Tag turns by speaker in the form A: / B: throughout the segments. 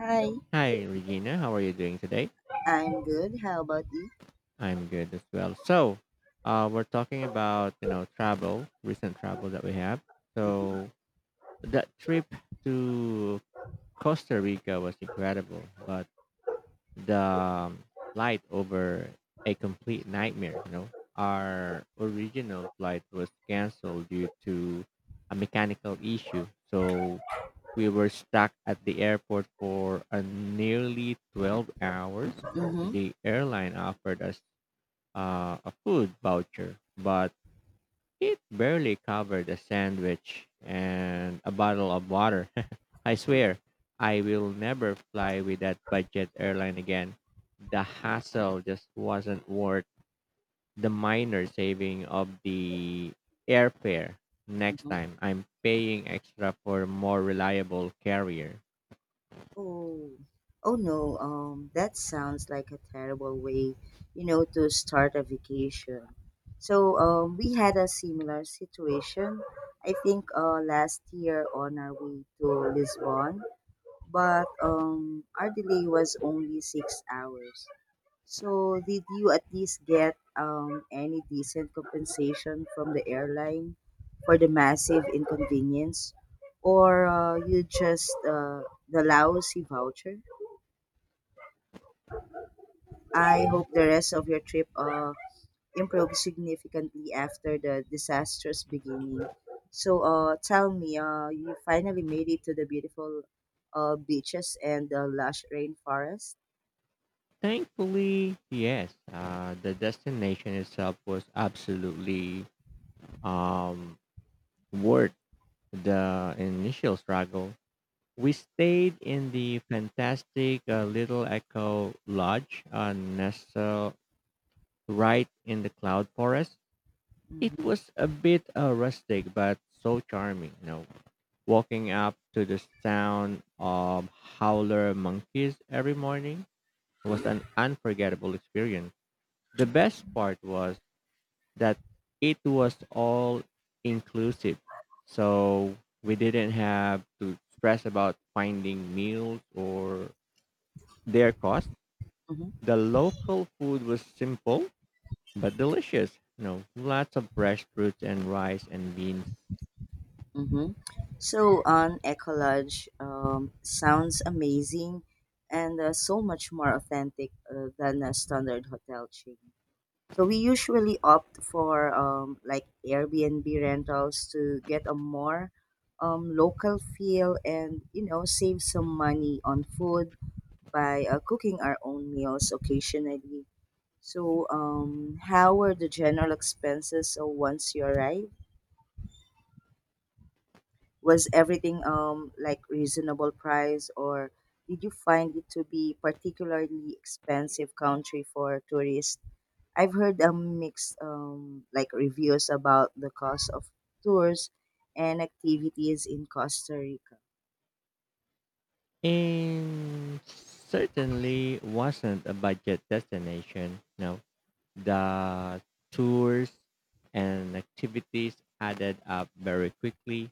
A: Hi,
B: Hi, Regina. How are you doing today?
A: I'm good. How about you?
B: I'm good as well. We're talking about travel, recent travel that we have.
A: Mm-hmm.
B: So that trip to Costa Rica was incredible, but the flight over a complete nightmare. You know, our original flight was canceled due to a mechanical issue, so we were stuck at the airport for a nearly 12 hours.
A: Mm-hmm.
B: The airline offered us a food voucher, but it barely covered a sandwich and a bottle of water. I swear, I will never fly with that budget airline again. The hassle just wasn't worth the minor saving of the airfare next
A: Mm-hmm.
B: time. I'm paying extra for a more reliable carrier.
A: Oh, oh no. That sounds like a terrible way, to start a vacation. So, we had a similar situation. I think last year on our way to Lisbon, but our delay was only 6 hours. So, did you at least get any decent compensation from the airline for the massive inconvenience? Or you just the lousy voucher? I hope the rest of your trip improved significantly after the disastrous beginning. So, tell me, you finally made it to the beautiful beaches and the lush rainforest?
B: Thankfully, yes. The destination itself was absolutely um, worth the initial struggle. We stayed in the fantastic Little Echo Lodge, nestled right in the cloud forest. It
A: Mm-hmm.
B: was a bit rustic, but so charming. You know, walking up to the sound of howler monkeys every morning was an unforgettable experience. The best part was that it was all inclusive. So we didn't have to stress about finding meals or their costs.
A: Mm-hmm.
B: The local food was simple but delicious. You know, lots of fresh fruits and rice and beans.
A: Mm-hmm. So on ecolodge sounds amazing and so much more authentic than a standard hotel chain. So we usually opt for like Airbnb rentals to get a more local feel and save some money on food by cooking our own meals occasionally. So how were the general expenses once you arrive? Was everything like reasonable price, or did you find it to be particularly expensive country for tourists? I've heard mixed like reviews about the cost of tours and activities in Costa Rica.
B: And certainly wasn't a budget destination. No, the tours and activities added up very quickly,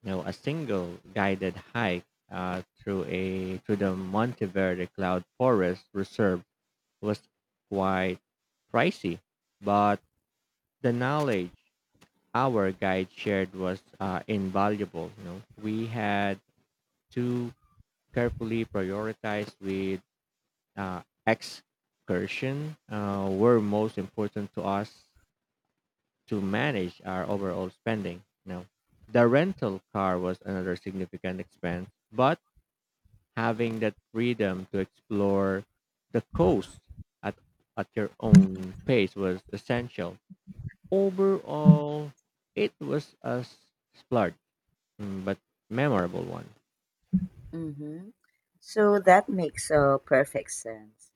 B: you know, a single guided hike through the Monteverde Cloud Forest Reserve was quite pricey, but the knowledge our guide shared was invaluable. You know, we had to carefully prioritize with excursion were most important to us to manage our overall spending. You know, the rental car was another significant expense, but having that freedom to explore the coast at, at your own pace was essential. Overall, it was a splurge, but memorable one.
A: Mm-hmm. So that makes perfect sense.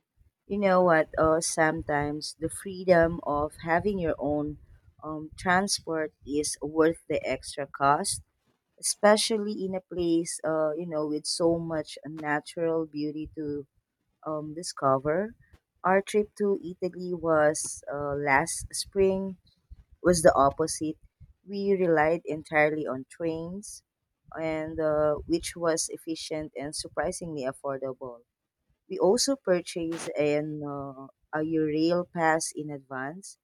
A: You know what? Sometimes the freedom of having your own transport is worth the extra cost, especially in a place with so much natural beauty to discover. Our trip to italy was last spring, was the opposite. We relied entirely on trains, and which was efficient and surprisingly affordable. We also purchased an a rail pass in advance,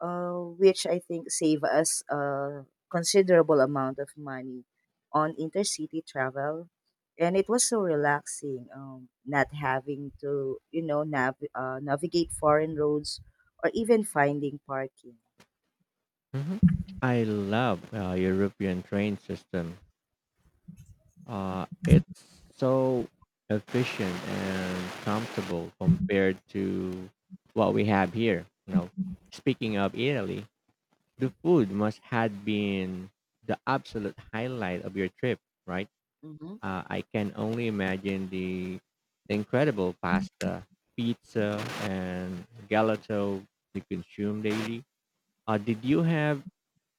A: which I think save us a considerable amount of money on intercity travel. And it was so relaxing, not having to navigate foreign roads or even finding parking.
B: hmm I love European train system. It's so efficient and comfortable compared to what we have here. You know, speaking of Italy, the food must had been the absolute highlight of your trip, right?
A: Hmm.
B: I can only imagine the incredible pasta, pizza, and gelato you consume daily. Did you have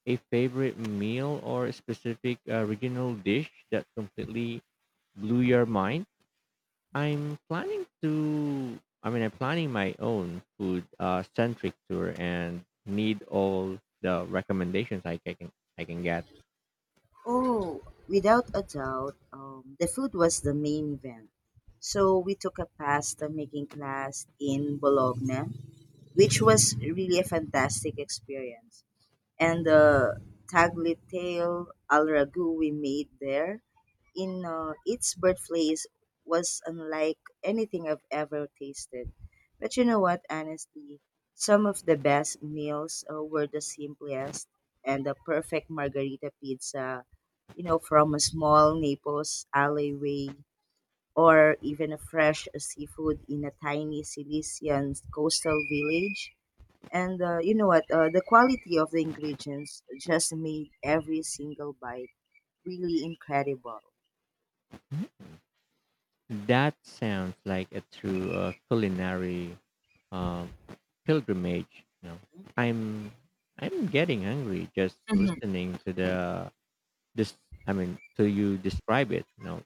B: a favorite meal or a specific regional dish that completely blew your mind? I mean, I'm planning my own food centric tour and need all the recommendations I can get.
A: Oh, without a doubt, the food was the main event. So we took a pasta making class in Bologna, which was really a fantastic experience, and the tagliatelle al ragu we made there in its birthplace was unlike anything I've ever tasted. But you know what? Honestly, some of the best meals were the simplest, and the perfect margarita pizza, from a small Naples alleyway or even a fresh seafood in a tiny Sicilian coastal village. And you know what? The quality of the ingredients just made every single bite really incredible.
B: Mhm. That sounds like a true culinary uh, pilgrimage, you know. I'm I'm getting hungry just
A: Hmm.
B: listening to the this I mean to you describe it, you know.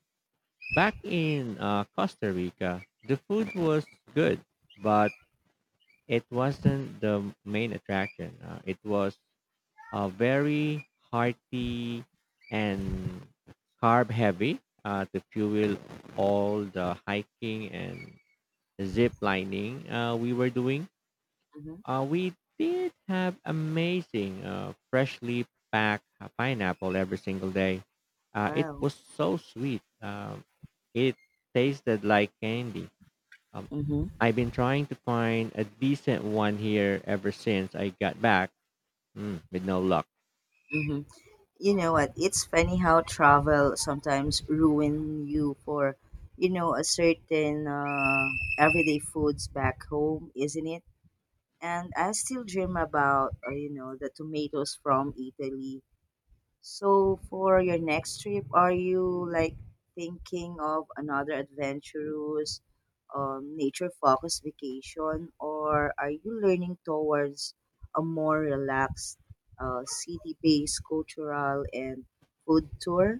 B: Back in Costa Rica, the food was good, but it wasn't the main attraction. It was very hearty and carb heavy to fuel all the hiking and zip lining we were doing.
A: Hmm.
B: We did have amazing freshly packed pineapple every single day. It
A: Wow.
B: was so sweet. It tasted like candy. Um,
A: Mm-hmm.
B: I've been trying to find a decent one here ever since I got back, with no luck.
A: Mm-hmm. You know what? It's funny how travel sometimes ruin you for a certain everyday foods back home, isn't it? And I still dream about the tomatoes from Italy. So for your next trip, are you like thinking of another adventurous, nature-focused vacation, or are you learning towards a more relaxed, city-based cultural and food tour?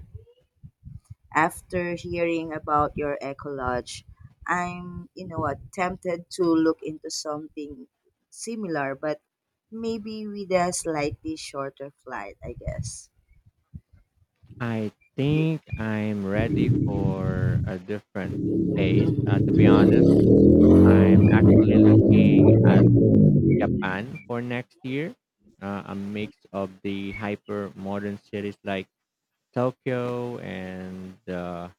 A: After hearing about your eco lodge, I'm, you know what, tempted to look into something similar, but maybe with a slightly shorter flight, I guess.
B: I think I'm ready for a different phase.
A: Mhm.
B: To be honest, I'm actually looking at Japan for next year. A mix of the hyper modern cities like Tokyo and the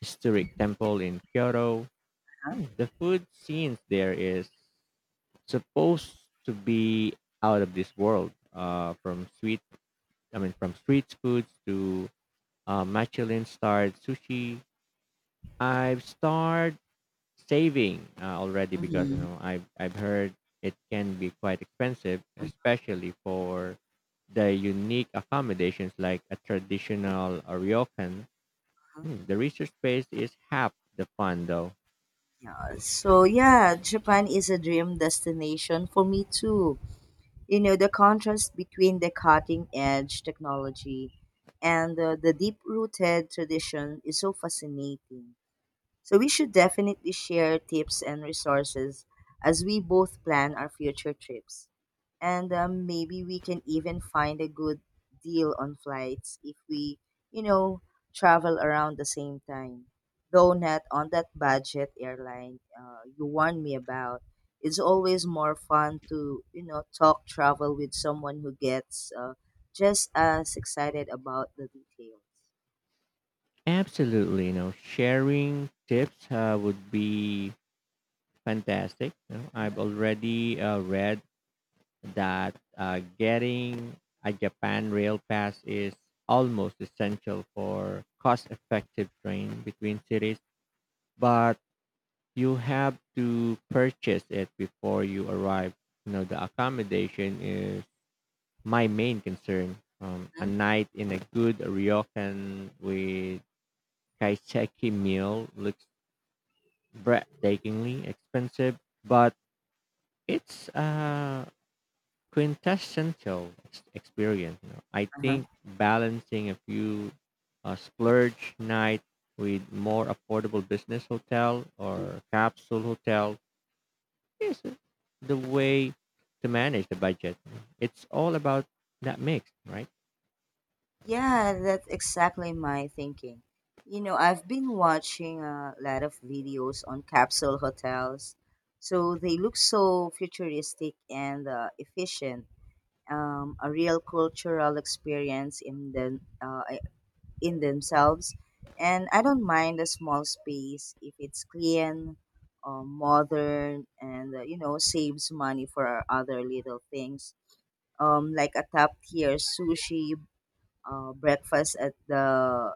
B: historic temple in Kyoto. The food scenes there is supposed to be out of this world. From sweet, I mean, From street foods to Michelin-starred sushi. I've started saving already because you
A: Mhm,
B: know I've heard it can be quite expensive, especially for the unique accommodations like a traditional ryokan.
A: mhm.
B: Hmm, the research space is half the fun, though.
A: Yeah. So yeah, Japan is a dream destination for me too. You know, the contrast between the cutting edge technology and the deep rooted tradition is so fascinating. So we should definitely share tips and resources as we both plan our future trips. And maybe we can even find a good deal on flights if we, you know, travel around the same time. Though not on that budget airline you warned me about. It's always more fun to talk travel with someone who gets just as excited about the details.
B: Absolutely, you know, sharing tips would be fantastic. You know, I've already read that getting a Japan Rail Pass is almost essential for cost effective train between cities, but you have to purchase it before you arrive. You know, the accommodation is my main concern. A
A: Mm-hmm.
B: night in a good ryokan with kaiseki meal looks breathtakingly expensive, but it's quintessential experience. You know, I
A: Uh-huh.
B: think balancing a few splurge night with more affordable business hotel or capsule hotel is the way to manage the budget. It's all about that mix, right?
A: Yeah, that's exactly my thinking. You know, I've been watching a lot of videos on capsule hotels. So they look so futuristic and efficient. A real cultural experience in them, in themselves. And I don't mind a small space if it's clean, modern, and saves money for other little things, like a top tier sushi breakfast at the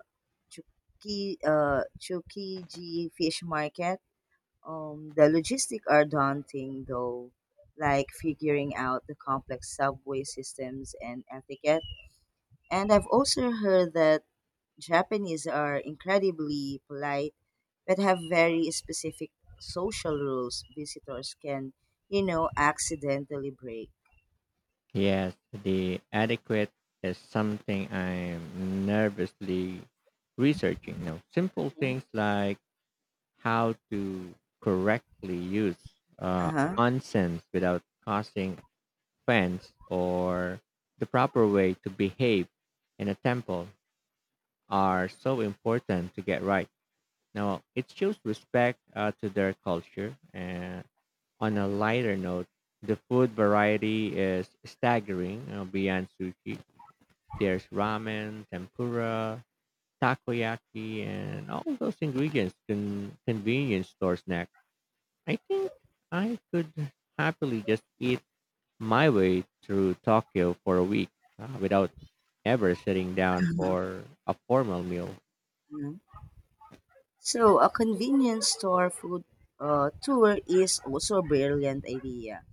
A: Chukiji Fish Market. The logistics are daunting though, like figuring out the complex subway systems and etiquette. And I've also heard that Japanese are incredibly polite but have very specific social rules visitors can accidentally break.
B: Yes, the adequate is something I'm nervously researching. You know, simple
A: Mhm.
B: things like how to correctly use
A: Uh-huh.
B: nonsense without causing offense or the proper way to behave in a temple are so important to get right. Now, it shows respect to their culture. And on a lighter note, the food variety is staggering beyond sushi. There's ramen, tempura, takoyaki, and all those ingredients in convenience store snacks I think I could happily just eat my way through Tokyo for a week without ever sitting down for a formal meal.
A: So, a convenience store food tour is also a brilliant idea.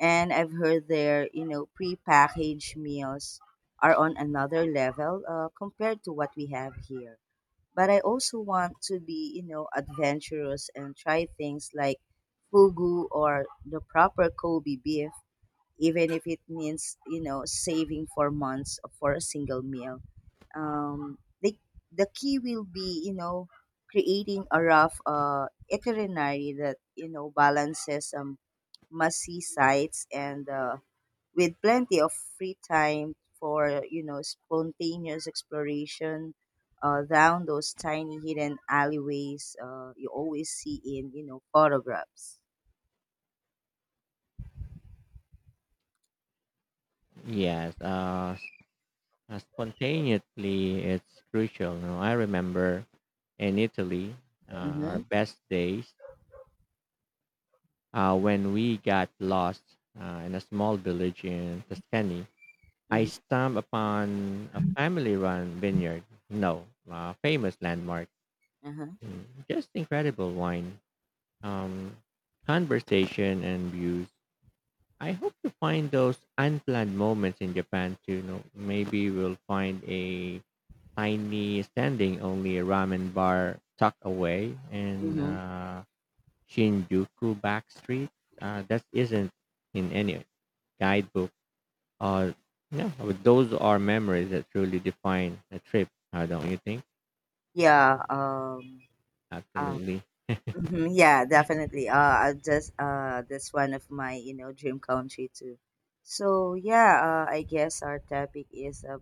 A: And I've heard their prepackaged meals are on another level compared to what we have here. But I also want to be adventurous and try things like fugu or the proper Kobe beef, even if it means saving for months for a single meal um, they, the key will be creating a rough itinerary that balances must see sites and with plenty of free time for spontaneous exploration down those tiny hidden alleyways you always see in photographs.
B: Yes, uh, s- Spontaneously it's crucial. You know, I remember in Italy, our
A: Mm-hmm.
B: best days when we got lost in a small village in Tuscany. I
A: Mm-hmm.
B: stumbled upon a family-run vineyard. No, famous landmark.
A: Uh-huh.
B: Just incredible wine, um, conversation, and views. I hope to find those unplanned moments in Japan too. You know, maybe we'll find a tiny standing only ramen bar tucked away in
A: Mm-hmm.
B: Shinjuku back street. That isn't in any guidebook. Uh, yeah, but those are memories that truly define a trip. Don't you think?
A: Yeah. Uh,
B: Absolutely.
A: mhm, yeah, definitely. I just that's one of my dream country too. So yeah, I guess our topic is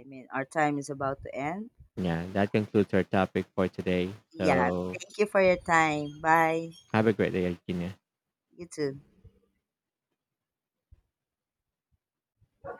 A: I mean our time is about to end.
B: Yeah, that concludes our topic for today.
A: Yeah,
B: So
A: thank you for your time. Bye.
B: have a great day, Regina.
A: You too.